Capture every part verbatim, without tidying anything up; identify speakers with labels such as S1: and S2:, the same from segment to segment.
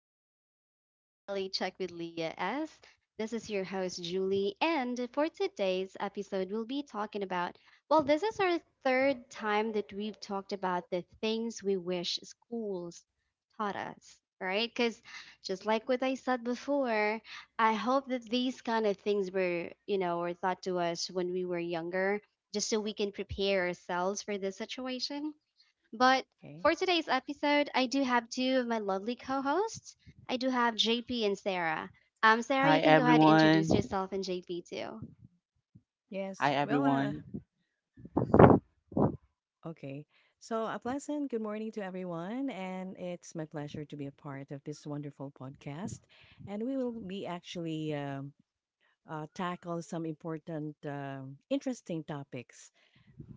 S1: Reality Check, Reality Check with Leah S. This is your host, Julie. And for today's episode, we'll be talking about well, this is our third time that we've talked about the things we wish schools taught us, right? Because just like what I said before, I hope that these kind of things were, you know, were taught to us when we were younger, just so we can prepare ourselves for this situation but
S2: Okay.
S1: for today's episode, I do have two of my lovely co hosts. I do have J P and Sarah. Um, Sarah, you
S3: Hi
S1: can go ahead and
S3: everyone.
S1: introduce yourself and J P too.
S2: Yes.
S3: Hi
S2: Well, uh,
S3: everyone.
S2: okay. So, a pleasant good morning to everyone. And it's my pleasure to be a part of this wonderful podcast. And we will be actually um, uh, tackle some important, um interesting topics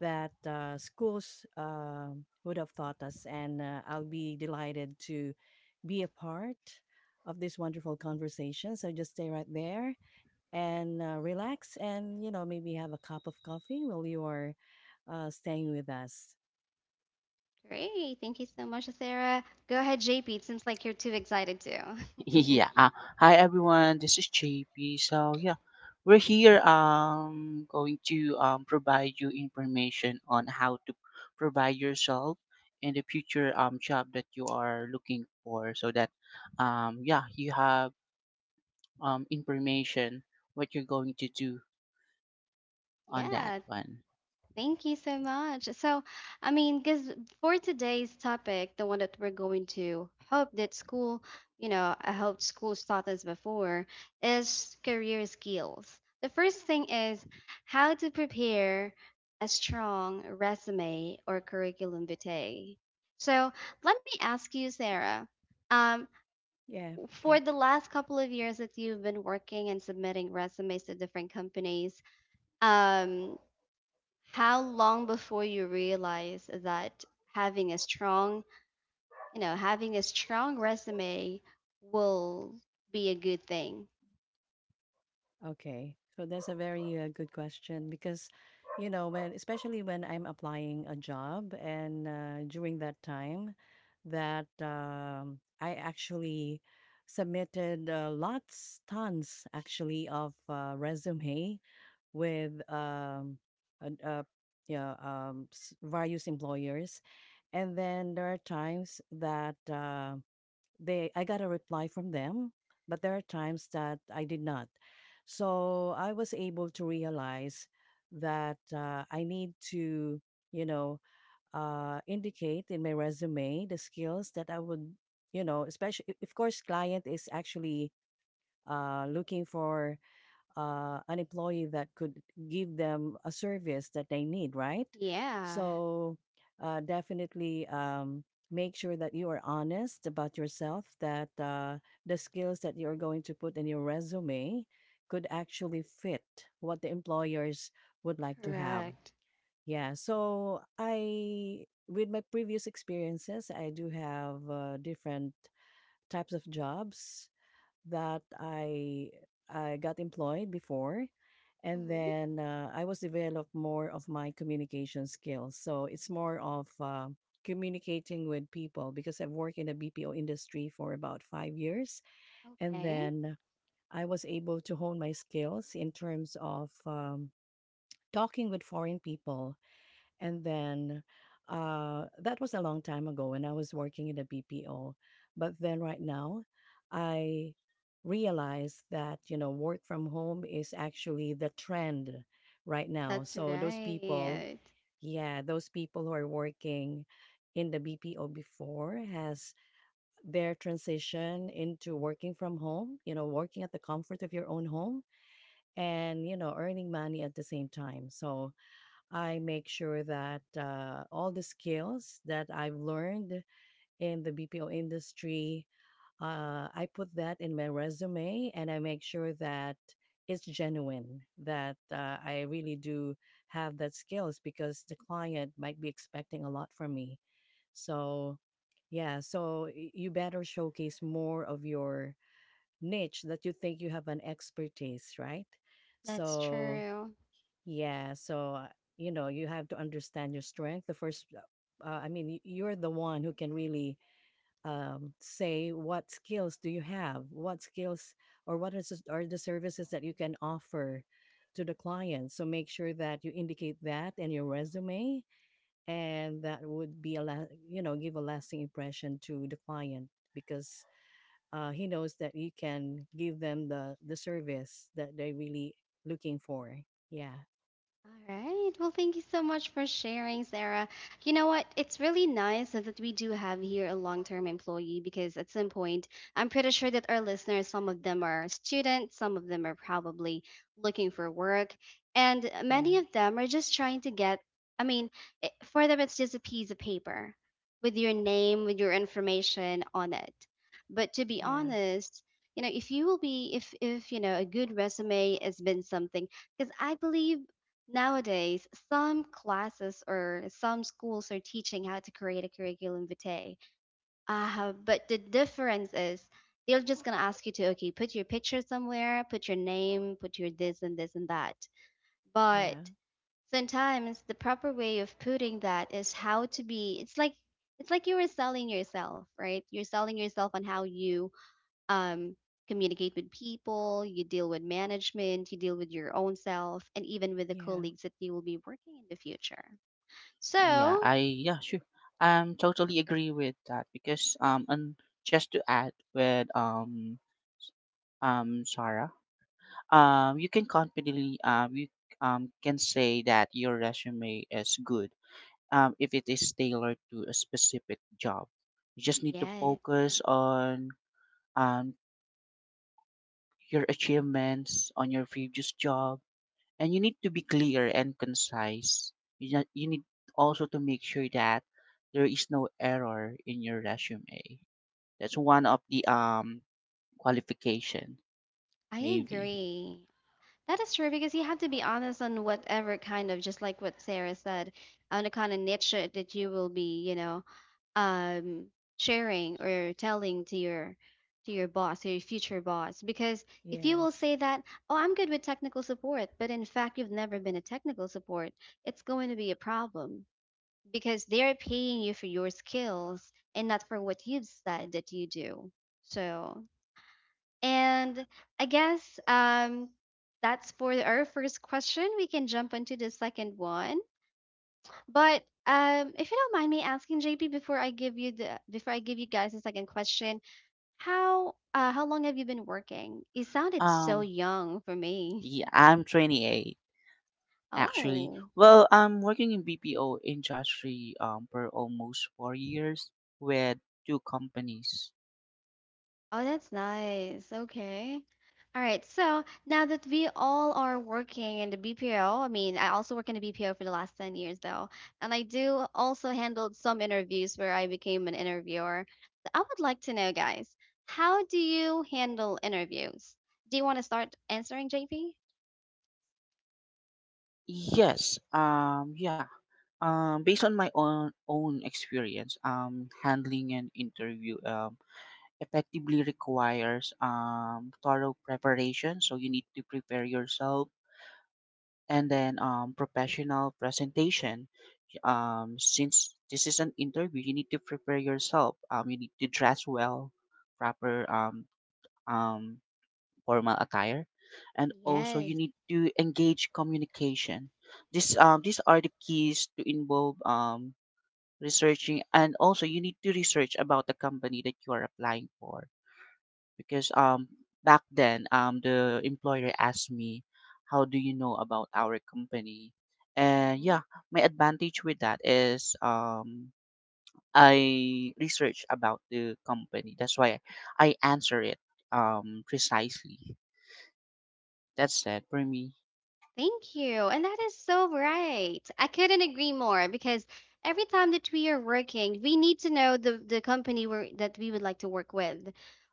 S2: that uh, schools uh, would have taught us. And uh, I'll be delighted to be a part of this wonderful conversation. So, just stay right there and uh, relax and, you know, maybe have a cup of coffee while you are uh, staying with us.
S1: Great. Thank you so much, Sarah. Go ahead, J P. It seems like you're too excited too.
S3: yeah. Uh, Hi everyone. This is J P. So yeah, we're here, um going to um provide you information on how to provide yourself in the future um job that you are looking for so that um yeah, you have um information what you're going to do on that
S1: Yeah.
S3: one.
S1: Thank you so much. So, I mean, because for today's topic, the one that we're going to hope that school, you know, I hope schools taught us before is career skills. The first thing is how to prepare a strong resume or curriculum vitae. So, let me ask you, Sarah, um,
S2: Yeah.
S1: for
S2: Okay.
S1: the last couple of years that you've been working and submitting resumes to different companies, um how long before you realize that having a strong, you know, having a strong resume will be a good thing?
S2: Okay. So that's a very uh, good question because, you know, when, especially when I'm applying a job and uh, during that time that um, I actually submitted uh, lots, tons actually of uh, resume with um, an- uh, yeah, um, s- various employers, and then there are times that uh, they I got a reply from them, but there are times that I did not. So I was able to realize that uh, I need to, you know, uh, indicate in my resume the skills that I would, you know, especially of course client is actually uh, looking for uh, an employee that could give them a service that they need, right?
S1: Yeah,
S2: So uh, definitely um, make sure that you are honest about yourself, that uh, the skills that you're going to put in your resume could actually fit what the employers would like to have.
S1: correct.
S2: Yeah, so I, with my previous experiences, I do have uh, different types of jobs that I I got employed before, and
S1: Hmm.
S2: then uh, I was develop more of my communication skills. So it's more of uh, communicating with people because I've worked in the B P O industry for about five years, and
S1: Okay,
S2: then I was able to hone my skills in terms of um, talking with foreign people and then uh, that was a long time ago when I was working in a B P O. But then right now, I realized that, you know, work from home is actually the trend right now.
S1: that's
S2: So those people,
S1: right.
S2: yeah, those people who are working in the B P O before has their transition into working from home, you know, working at the comfort of your own home and, you know, earning money at the same time. So I make sure that uh, all the skills that I've learned in the B P O industry, uh, I put that in my resume and I make sure that it's genuine, that uh, I really do have that skills because the client might be expecting a lot from me. So, yeah, so y- you better showcase more of your niche that you think you have an expertise, right?
S1: That's
S2: So,
S1: true.
S2: yeah, so uh, you know, you have to understand your strength. The first, uh, uh, I mean, y- you're the one who can really um, say what skills do you have, what skills or what is s- are the services that you can offer to the client. So make sure that you indicate that in your resume, and that would be a la- you know give a lasting impression to the client because uh, he knows that you can give them the the service that they're really looking for. Yeah,
S1: All right. Well, thank you so much for sharing, Sarah. You know what? It's really nice that we do have here a long term employee because at some point, I'm pretty sure that our listeners, some of them are students, some of them are probably looking for work, and
S2: yeah.
S1: many of them are just trying to get, I mean, it, for them, it's just a piece of paper with your name, with your information on it. But to be
S2: Yeah.
S1: honest, you know, if you will be, if, if, you know, a good resume has been something, because I believe nowadays, some classes or some schools are teaching how to create a curriculum vitae. Uh, but the difference is they're just going to ask you to, okay, put your picture somewhere, put your name, put your this and this and that. But
S2: Yeah.
S1: sometimes the proper way of putting that is how to be, it's like, it's like you were selling yourself, right? You're selling yourself on how you um, communicate with people, you deal with management, you deal with your own self, and even with the
S2: Yeah.
S1: colleagues that you will be working in the future.
S3: Yeah,
S1: So,
S3: I yeah, sure. I'm totally agree with that because um and just to add with um s- um Sarah, um you can confidently um you um can say that your resume is good um if it is tailored to a specific job. You just need to
S1: yes,
S3: focus on um your achievements on your previous job, and you need to be clear and concise. You, ju- you need also to make sure that there is no error in your resume. That's one of the um qualification
S1: I
S3: maybe.
S1: agree. That is true because you have to be honest on whatever kind of, just like what Sarah said, on the kind of niche that you will be, you know, um, sharing or telling to your to your boss or your future boss. Because if you will
S2: Yes.
S1: say that, oh, I'm good with technical support, but in fact you've never been a technical support, it's going to be a problem because they're paying you for your skills and not for what you've said that you do. So and I guess um, that's for our first question. We can jump into the second one. But um, if you don't mind me asking, J P, before I give you the before I give you guys the second question, how uh, how long have you been working? You sounded so
S3: Um
S1: young for me.
S3: yeah, I'm twenty-eight actually.
S1: Oh.
S3: Well, I'm working in B P O industry um for almost four years with two companies.
S1: Oh, that's nice. Okay. All right. So now that we all are working in the B P O, I mean, I also work in the B P O for the last ten years, though. And I do also handled some interviews where I became an interviewer. So I would like to know, guys, how do you handle interviews? Do you want to start answering, J P?
S3: Yes, um yeah. Um based on my own own experience um handling an interview um effectively requires um, thorough preparation. So you need to prepare yourself, and then um, professional presentation. Um, since this is an interview, you need to prepare yourself. Um, you need to dress well, proper um, um, formal attire, and also you
S1: Yes.
S3: need to engage communication. This um, These are the keys to involve um, researching, and also you need to research about the company that you are applying for, because um back then um the employer asked me, how do you know about our company? And yeah, my advantage with that is um I research about the company. That's why I answer it um precisely. That's it for me.
S1: Thank you. And that is so right. I couldn't agree more because every time that we are working, we need to know the, the company we're, that we would like to work with.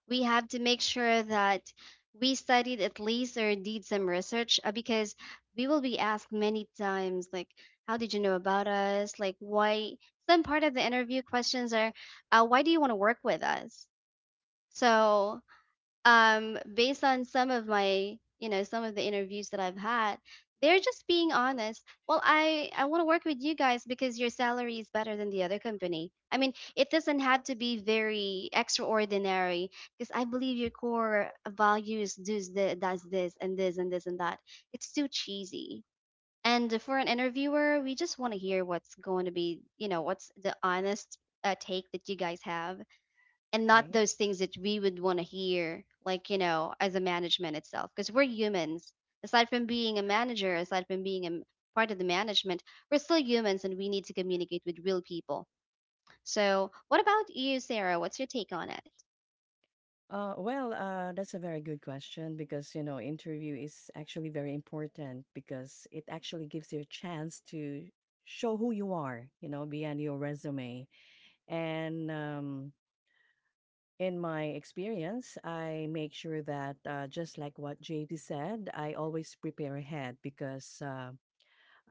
S1: We have to make sure that we studied at least or did some research uh, because we will be asked many times, like, how did you know about us? Like, why? Some part of the interview questions are, uh, why do you want to work with us? So um based on some of my, you know, some of the interviews that I've had, they're just being honest. Well, i i want to work with you guys because your salary is better than the other company. I mean, it doesn't have to be very extraordinary because I believe your core values does the, does this and this and this and that. It's too cheesy, and for an interviewer we just want to hear what's going to be, you know, what's the honest uh, take that you guys have, and not
S2: Okay.
S1: those things that we would want to hear, like, you know, as a management itself, because we're humans aside from being a manager, aside from being a m- part of the management. We're still humans and we need to communicate with real people. So what about you, Sarah? What's your take on it?
S2: Uh, well, uh, that's a very good question because, you know, interview is actually very important because it actually gives you a chance to show who you are, you know, beyond your resume. And um, in my experience, I make sure that, uh, just like what J P said, I always prepare ahead because uh,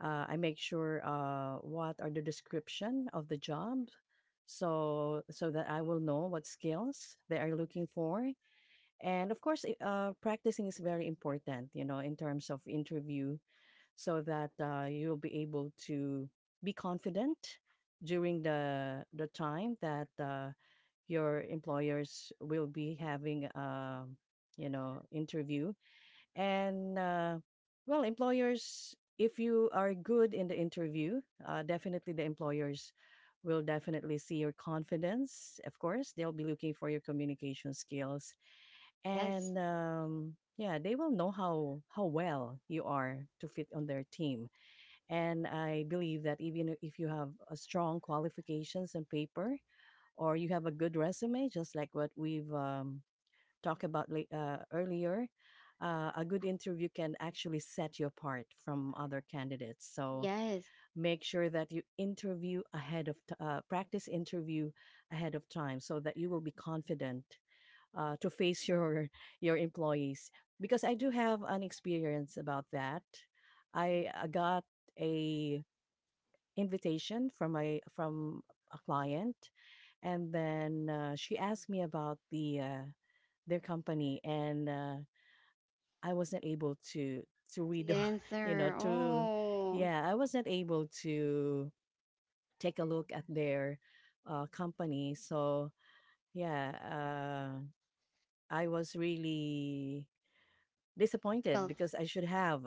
S2: Uh, I make sure uh, what are the description of the job, so so that I will know what skills they are looking for. And of course, i- uh, practicing is very important, you know, in terms of interview, so that uh, you'll be able to be confident during the the time that uh, your employers will be having, um, you know, interview and uh, well, employers, if you are good in the interview, uh, definitely the employers will definitely see your confidence. Of course, they'll be looking for your communication skills,
S1: Yes.
S2: and um, yeah, they will know how how well you are to fit on their team. And I believe that even if you have a strong qualifications on paper or you have a good resume, just like what we've um, talked about late, uh, earlier, uh, a good interview can actually set you apart from other candidates. So
S1: Yes.
S2: make sure that you interview ahead of t- uh, practice interview ahead of time so that you will be confident uh, to face your your employees. Because I do have an experience about that. I uh, got a invitation from a from a client, and then uh, she asked me about the uh, their company, and uh, I wasn't able to to
S1: The
S2: read, you know,
S1: answer.
S2: to
S1: Oh.
S2: yeah, I wasn't able to take a look at their uh, company. So yeah, uh, I was really disappointed
S1: Felt.
S2: because I should have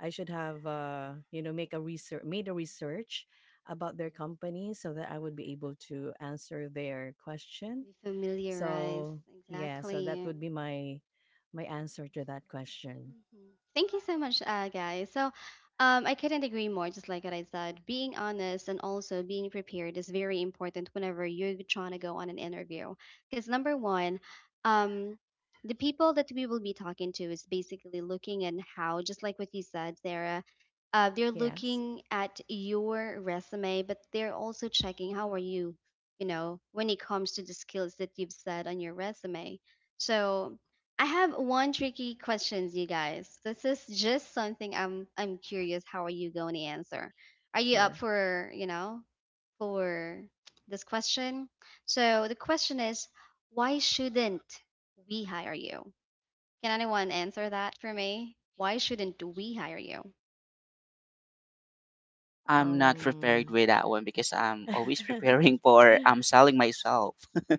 S2: I should have uh, you know make a research made a research about their company so that I would be able to answer their question.
S1: Familiarized.
S2: So yeah, so that
S1: Exactly.
S2: would be my my answer to that question.
S1: Mhm. Thank you so much, uh, guys. So, um, I couldn't agree more. Just like what I said, being honest and also being prepared is very important whenever you're trying to go on an interview. Because number one, um, the people that we will be talking to is basically looking at how, just like what you said, Sarah, uh, they're
S2: Yes,
S1: looking at your resume, but they're also checking how are you, you know, when it comes to the skills that you've said on your resume. So I have one tricky questions, you guys. This is just something I'm I'm curious how are you going to answer? Are you up
S2: sure.
S1: for, you know, for this question? So the question is, why shouldn't we hire you? Can anyone answer that for me? Why shouldn't we hire you?
S3: I'm not prepared
S2: Um
S3: with that one because I'm always preparing for I'm selling myself.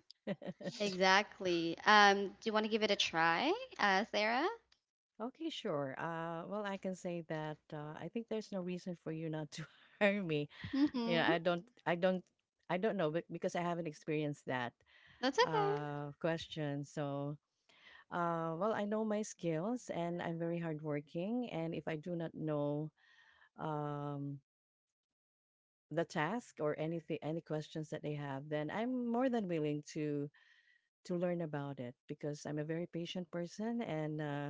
S1: Exactly. Um, do you want to give it a try, uh, Sarah?
S2: Okay, sure. Uh, well, I can say that uh, I think there's no reason for you not to hire me. Yeah,
S1: Mm-hmm.
S2: I don't, I don't, I don't know, but because I haven't experienced that
S1: That's okay.
S2: uh, question. So, uh, well, I know my skills and I'm very hardworking. And if I do not know um, the task or anything, any questions that they have, then I'm more than willing to to learn about it because I'm a very patient person, and uh,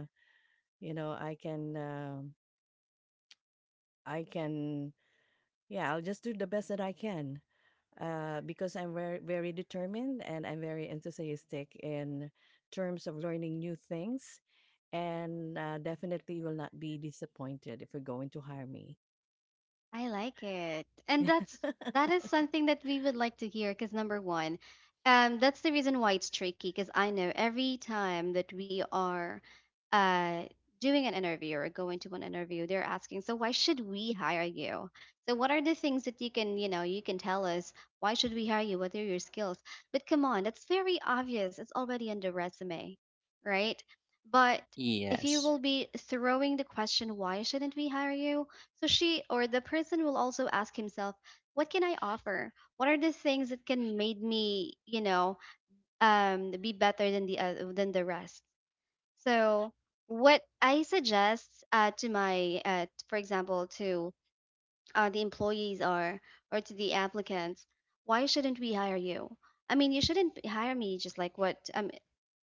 S2: you know, I can, um I can, yeah, I'll just do the best that I can uh, because I'm very, very determined and I'm very enthusiastic in terms of learning new things. And uh, definitely will not be disappointed if you're going to hire me.
S1: I like it. And that's that is something that we would like to hear because number one, um, that's the reason why it's tricky because I know every time that we are uh doing an interview or going to an interview, they're asking, so why should we hire you? So what are the things that you can, you know, you can tell us why should we hire you? What are your skills? But come on, that's very obvious. It's already in the resume, right? But if you
S3: Yes.
S1: will be throwing the question, why shouldn't we hire you? So she or the person will also ask himself, what can I offer? What are the things that can made me, you know, um, be better than the uh, than the rest? So what I suggest uh, to my, uh, for example, to uh, the employees or or to the applicants, why shouldn't we hire you? I mean, you shouldn't hire me just like what um,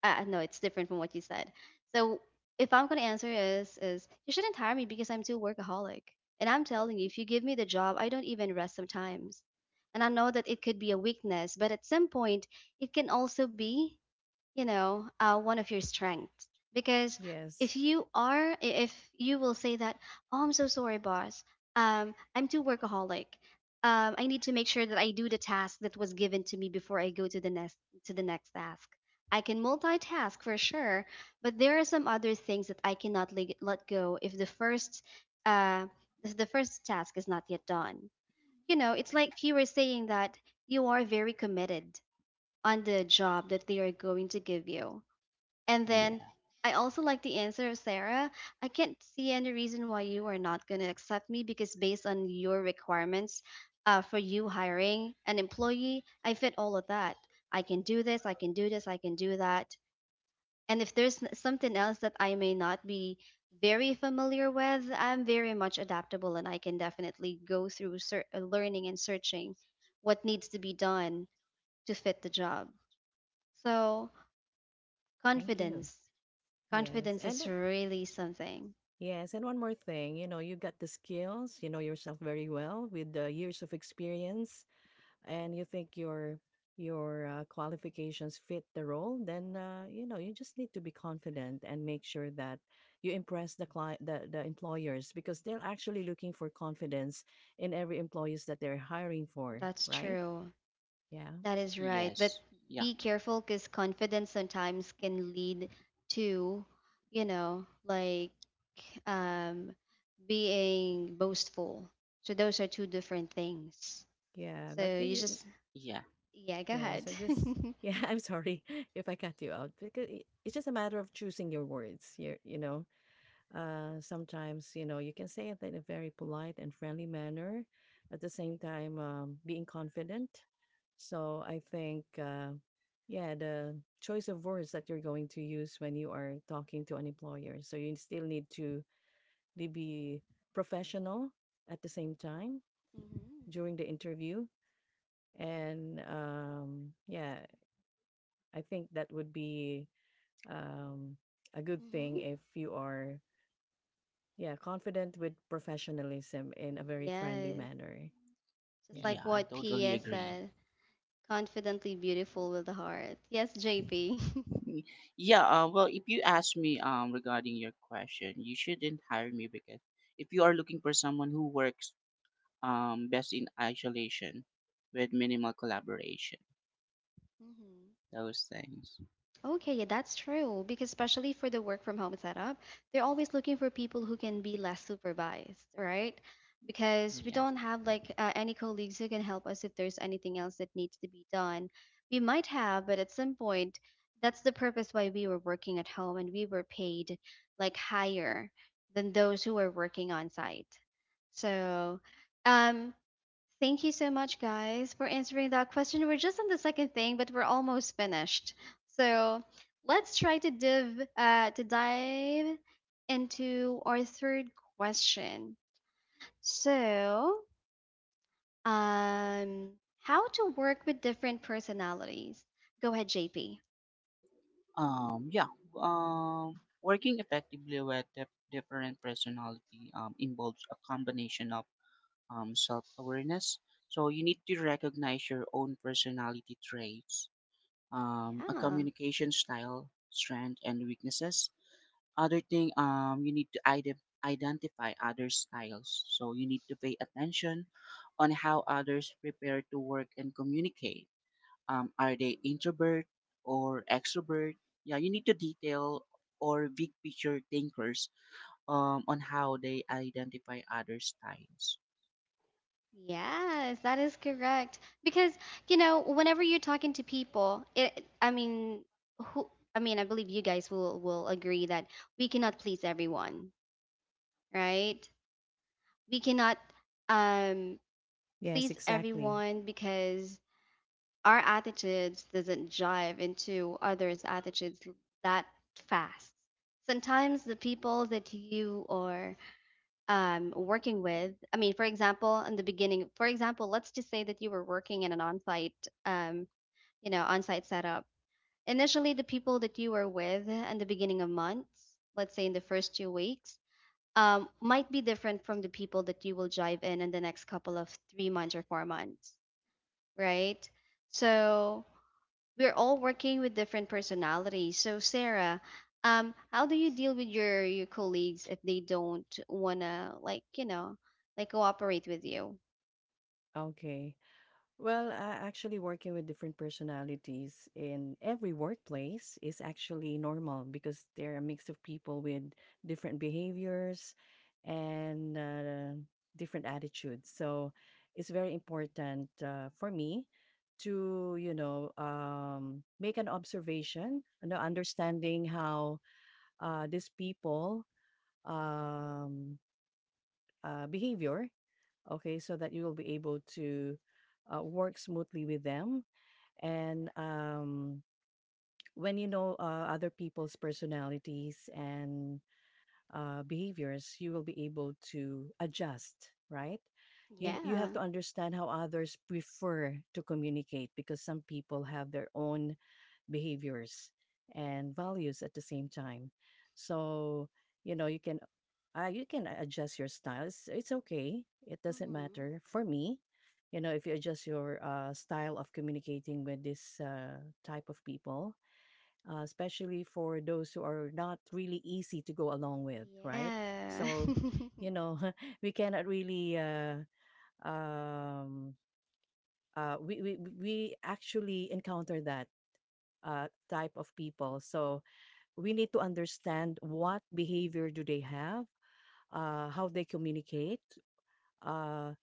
S1: uh, no, it's different from what you said. So if I'm gonna answer is is you shouldn't hire me because I'm too workaholic. And I'm telling you, if you give me the job, I don't even rest sometimes. And I know that it could be a weakness, but at some point, it can also be, you know, uh, one of your strengths. Because
S2: Yes.
S1: if you are i- if you will say that, oh, I'm so sorry, boss, um I'm too workaholic, um I need to make sure that I do the task that was given to me before I go to the next to the next task. I can multitask for sure, but there are some other things that I cannot le- let go if the first uh if the first task is not yet done. You know, it's like you were saying that you are very committed on the job that they are going to give you. And then
S3: Yeah.
S1: I also like the answer of Sarah. I can't see any reason why you are not going to accept me because based on your requirements uh, for you hiring an employee, I fit all of that. I can do this, I can do this, I can do that. And if there's n- something else that I may not be very familiar with, I'm very much adaptable and I can definitely go through ser- uh, learning and searching what needs to be done to fit the job. So,
S2: Thank you.
S1: confidence.
S2: Yes.
S1: Confidence
S2: And
S1: is
S2: uh,
S1: really something.
S2: yes. And one more thing, you know, you got the skills, you know yourself very well with the years of experience and you think your your uh, qualifications fit the role, then uh, you know you just need to be confident and make sure that you impress the client, the, the employers because they're actually looking for confidence in every employees that they're hiring for,
S1: That's
S2: right?
S1: true.
S2: Yeah.
S1: That is right. But
S3: Yes. Yeah.
S1: be careful because confidence sometimes can lead to, you know, like um, being boastful. So those are two different things.
S2: Yeah but
S1: So
S2: you,
S1: you
S2: ju- y-
S1: just,
S3: Yeah.
S1: yeah, go
S2: yeah
S1: ahead.
S2: so just
S1: Hmm.
S2: yeah I'm sorry if I cut you out because i- it's just a matter of choosing your words, you, you know. Uh, sometimes, you know, you can say it in a very polite and friendly manner, at the same time, um, being confident. So I think, uh, yeah, the choice of words that you're going to use when you are talking to an employer. So you still need to be be professional at the same time during the interview. And um, yeah, I think that would be um, a good thing
S1: Hmm.
S2: if you are. Yeah, confident with professionalism in a very friendly
S1: Yes.
S2: manner.
S1: Just
S2: Yeah.
S3: Yeah,
S1: like
S3: I
S1: what
S3: totally
S1: P S
S3: agree.
S1: said, confidently beautiful with the heart. Yes, J P.
S3: Mm, Yeah. Uh, well, if you ask me, um, regarding your question, you shouldn't hire me because if you are looking for someone who works um, best in isolation with minimal collaboration,
S1: Hmm.
S3: those things.
S1: Okay, yeah, that's true. Because especially for the work from home setup, they're always looking for people who can be less supervised, right? Because we
S3: Yes.
S1: don't have like uh, any colleagues who can help us if there's anything else that needs to be done. We might have, but at some point, that's the purpose why we were working at home and we were paid like higher than those who were working on site. So, um, thank you so much, guys, for answering that question. We're just on the second thing, but we're almost finished. So let's try to dive uh, to dive into our third question. So, um, how to work with different personalities? Go ahead, J P.
S3: Um, yeah. Um, working effectively with dif- different personality um, involves a combination of um, self-awareness. So you need to recognize your own personality traits, um, a
S1: Yeah.
S3: communication style, strength, and weaknesses. Other thing, um, you need to ide- identify other styles. So you need to pay attention on how others prepare to work and communicate. Um, are they introvert or extrovert? Yeah, you need to detail or big picture thinkers, um, on how they identify other styles.
S1: Yes, that is correct. Because, you know, whenever you're talking to people, it, I mean, who, I mean, I believe you guys will will agree that we cannot please everyone, right? We cannot um
S2: Yes,
S1: please
S2: exactly.
S1: everyone because our attitudes doesn't jive into others' attitudes that fast. Sometimes the people that you are um, working with. I mean, for example, in the beginning, for example, let's just say that you were working in an on-site, um, you know, on-site setup. Initially, the people that you were with in the beginning of months, let's say in the first two weeks, um, might be different from the people that you will jive in in the next couple of three months or four months, right? So we're all working with different personalities. So Sarah, um, how do you deal with your your colleagues if they don't wanna like you know like cooperate with you?
S2: Okay. Well, uh, actually, working with different personalities in every workplace is actually normal because they're a mix of people with different behaviors and uh, different attitudes. So it's very important uh, for me to, you know, um, make an observation, you know, understanding how uh, these people um, uh, behavior, okay, so that you will be able to uh, work smoothly with them. And um, when you know uh, other people's personalities and uh, behaviors, you will be able to adjust, right? You, you
S1: Yeah,
S2: have to understand how others prefer to communicate because some people have their own behaviors and values at the same time. So, you know, you can uh, you can adjust your style. It's, it's okay. It doesn't
S1: hmm,
S2: matter for me. You know, if you adjust your uh, style of communicating with this uh, type of people, uh, especially for those who are not really easy to go along with, right?
S1: yeah.
S2: So, you know, we cannot really, uh, um, uh, we, we, we actually encounter that uh, type of people. So we need to understand what behavior do they have, uh, how they communicate, uh,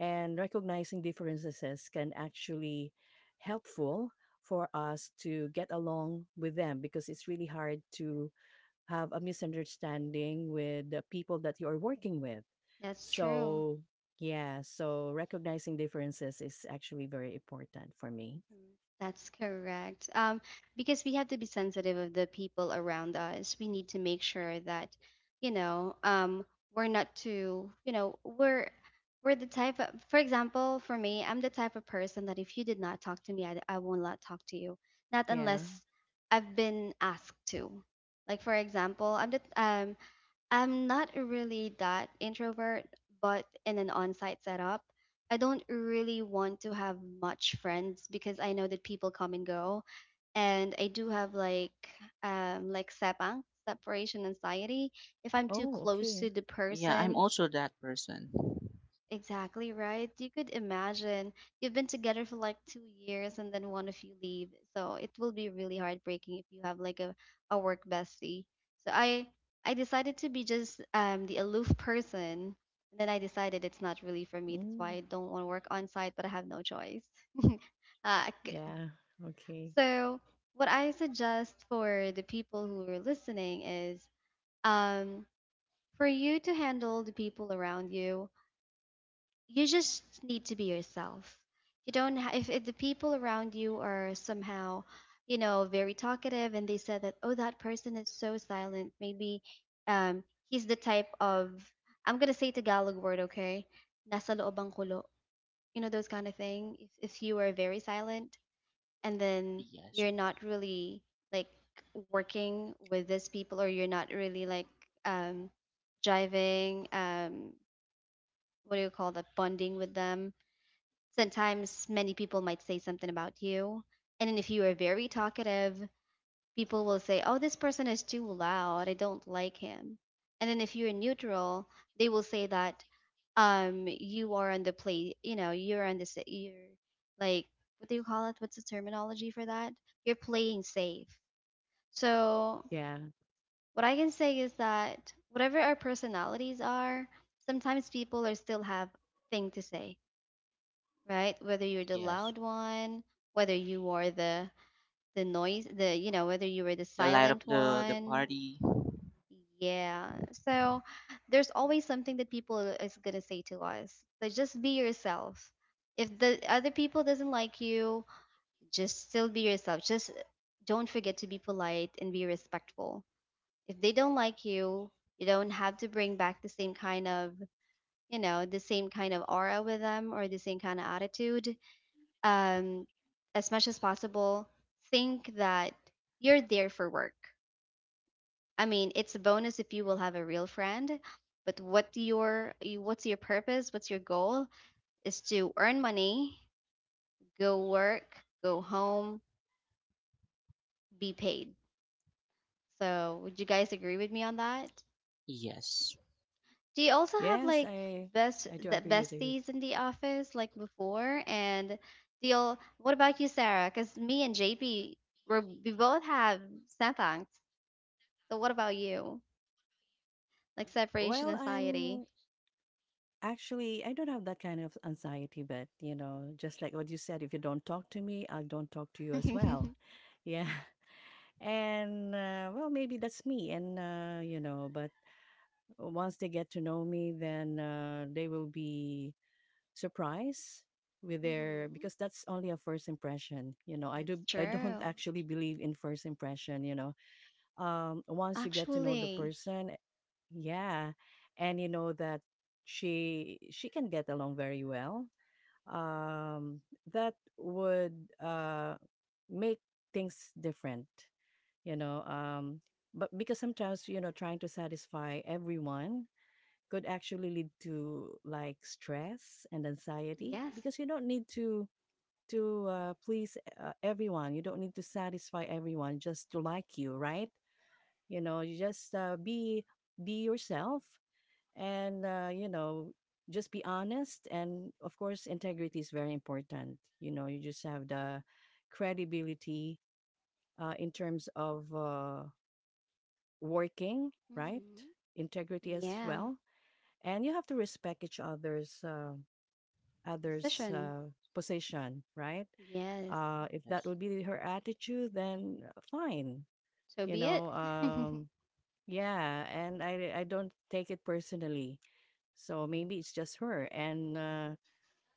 S2: and recognizing differences can actually helpful for us to get along with them because it's really hard to have a misunderstanding with the people that you are working with.
S1: That's true.
S2: So, yeah, so recognizing differences is actually very important for me.
S1: Correct. That's correct. Um, because we have to be sensitive of the people around us. We need to make sure that, you know, um, we're not too, you know, we're we're the type of, for example, for me, I'm the type of person that if you did not talk to me, I, I will not talk to you. Not
S2: Yeah.
S1: unless I've been asked to. Like for example, I'm the um I'm not really that introvert, but in an on site setup, I don't really want to have much friends because I know that people come and go. And I do have like um like sepang, separation anxiety. If I'm too
S2: Oh,
S1: close to
S2: okay.
S1: the
S3: Yeah, I'm
S1: person,
S3: also that person.
S1: exactly right. You could imagine you've been together for like two years and then one of you leave. So it will be really heartbreaking if you have like a, a work bestie. So I I decided to be just um the aloof person. And then I decided it's not really for me. That's why
S2: Mm,
S1: I don't want to work on site, but I have no choice. Uh, c-
S2: yeah. Okay.
S1: so what I suggest for the people who are listening is um for you to handle the people around you, you just need to be yourself. You don't ha- if, if the people around you are somehow, you know, very talkative and they said that oh that person is so silent, maybe um he's the type of I'm going to say Tagalog word, okay? Nasa loob ang kulo. You know those kind of thing. If if you are very silent and then
S3: Yes,
S1: you're not really like working with these people or you're not really like um driving um what do you call that, bonding with them. Sometimes many people might say something about you. And then if you are very talkative, people will say, "Oh, this person is too loud. I don't like him." And then if you're neutral, they will say that um you are on the play, you know, you're on the sa- you're like what do you call it? What's the terminology for that? You're playing safe. So
S2: Yeah.
S1: what I can say is that whatever our personalities are, sometimes people are still have thing to say, right? Whether you're the
S3: yes.
S1: loud one, whether you are the the noise, the you know, whether you were the
S3: The light up
S1: silent
S3: the the
S1: one.
S3: party.
S1: Yeah. So there's always something that people is gonna say to us. So just be yourself. If the other people doesn't like you, just still be yourself. Just don't forget to be polite and be respectful. If they don't like you, you don't have to bring back the same kind of, you know, the same kind of aura with them or the same kind of attitude, um, as much as possible, think that you're there for work. I mean, it's a bonus if you will have a real friend, but what your you- what's your purpose? What's your goal? Is to earn money, go work, go home, be paid. So, would you guys agree with me on that?
S3: Yes,
S1: Do you also have
S2: Yes,
S1: like
S2: I
S1: best
S2: I do
S1: the
S2: agree with you.
S1: besties in the office like before? And deal, what about you, Sarah? Because me and J P, we're, we both have sentangs. So what about you? Like separation
S2: Well,
S1: anxiety.
S2: I'm actually I don't have that kind of anxiety, but you know, just like what you said, if you don't talk to me, I don't talk to you as well.
S1: Hmm.
S2: Yeah. And uh, well, maybe that's me. And uh, you know, but once they get to know me, then uh, they will be surprised with their because that's only a first impression. You know, I
S1: That's
S2: do I don't
S1: true.
S2: actually believe in first impression. You know, um, once you get to know the
S1: Actually,
S2: person, yeah, and you know that she she can get along very well. Um, that would uh, make things different. You know, um, but because sometimes you know trying to satisfy everyone could actually lead to like stress and anxiety
S1: yes.
S2: because you don't need to to uh, please uh, everyone, you don't need to satisfy everyone just to like you, right? You know you just uh, be be yourself and uh, you know just be honest and of course integrity is very important, you know you just have the credibility uh, in terms of uh, working, right?
S1: Hmm.
S2: Integrity as
S1: Yeah.
S2: well, and you have to respect each other's uh, other's
S1: Decision.
S2: uh, position, right?
S1: Yes.
S2: Uh, if that
S3: yes.
S2: would be her attitude, then uh, fine,
S1: So
S2: you
S1: be it.
S2: know. Um, yeah, and I I don't take it personally. So maybe it's just her, and uh,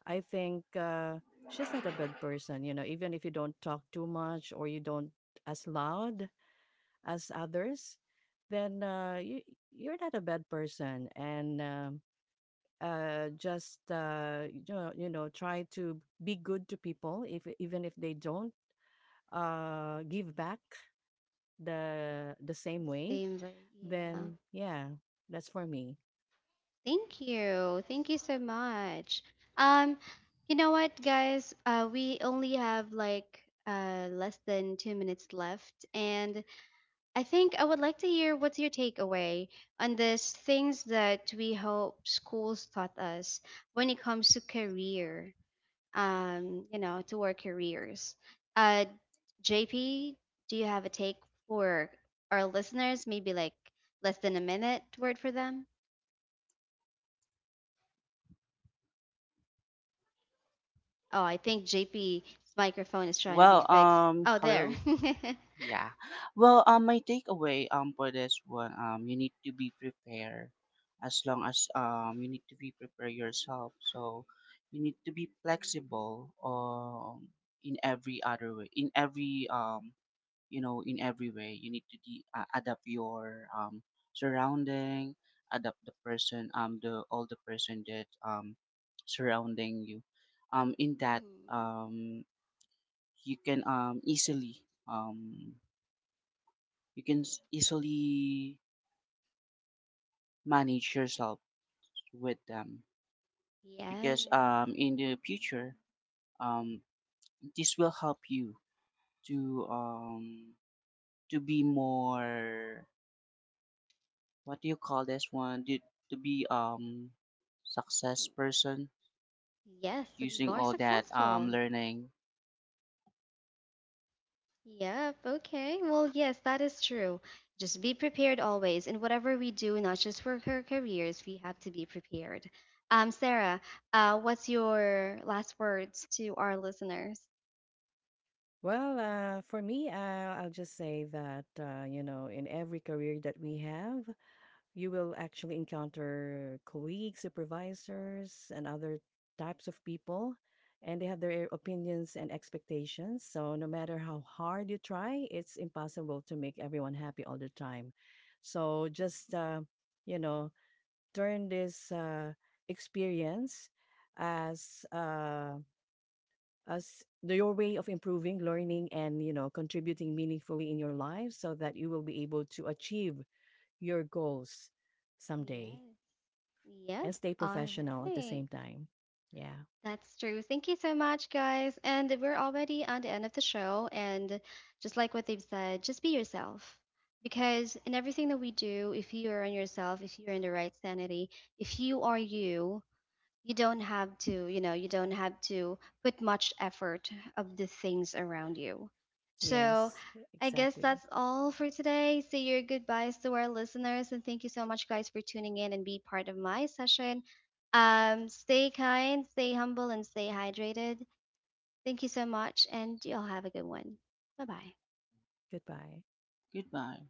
S2: I think uh, she's not a bad person, you know. Even if you don't talk too much or you don't as loud as others, then uh, you you're not a bad person, and um, uh, just uh, you know, you know try to be good to people if even if they don't uh, give back the the same way,
S1: Seems like, yeah.
S2: then yeah, that's for me.
S1: Thank you. Thank you so much. Um, you know what, guys? Uh, we only have like uh less than two minutes left, and I think I would like to hear what's your takeaway on these things that we hope schools taught us when it comes to career, um, you know, to our careers. Uh, J P, do you have a take for our listeners? Maybe like less than a minute word for them? Oh, I think JP's microphone is trying to be
S3: Well,
S1: fixed.
S3: um,
S1: Oh, there.
S3: hello.
S1: Hmm.
S3: Yeah. Well, um, my takeaway um for this one, um you need to be prepared. As long as um you need to be prepare yourself. So you need to be flexible, um in every other way, in every um you know in every way, you need to de- uh, adapt your um surrounding, adapt the person, um the all the person that um surrounding you, um in that um you can um easily, um you can s- easily manage yourself with them,
S1: Yes.
S3: because um, in the future, um, this will help you to, um, to be more, what do you call this one, to, to be um success person,
S1: Yes, to be
S3: using
S1: more
S3: all that um
S1: successful.
S3: learning.
S1: Yep, okay. Well, yes, that is true. Just be prepared always. In whatever we do, not just for our careers, we have to be prepared. Um, Sarah, uh, what's your last words to our listeners?
S2: well uh, for me uh, I'll just say that uh, you know in every career that we have, you will actually encounter colleagues, supervisors, and other types of people, and they have their opinions and expectations. So, no matter how hard you try, it's impossible to make everyone happy all the time. So, just, uh, you know, turn this uh, experience as uh, as the, your way of improving, learning, and you know, contributing meaningfully in your life, so that you will be able to achieve your goals someday
S1: Yes.
S2: and
S1: Yep.
S2: stay
S1: All
S2: professional at the
S1: right.
S2: same time. Yeah.
S1: That's true. Thank you so much, guys. And we're already on the end of the show. And just like what they've said, just be yourself. Because in everything that we do, if you are on yourself, if you're in the right sanity, if you are you, you don't have to you know you don't have to put much effort of the things around you. So
S2: Yes.
S1: I guess
S2: Exactly.
S1: that's all for today. Say your goodbyes to our listeners and thank you so much guys for tuning in and be part of my session. Um stay kind, stay humble, and stay hydrated. Thank you so much and y'all have a good one. Bye bye.
S2: Goodbye.
S3: Goodbye.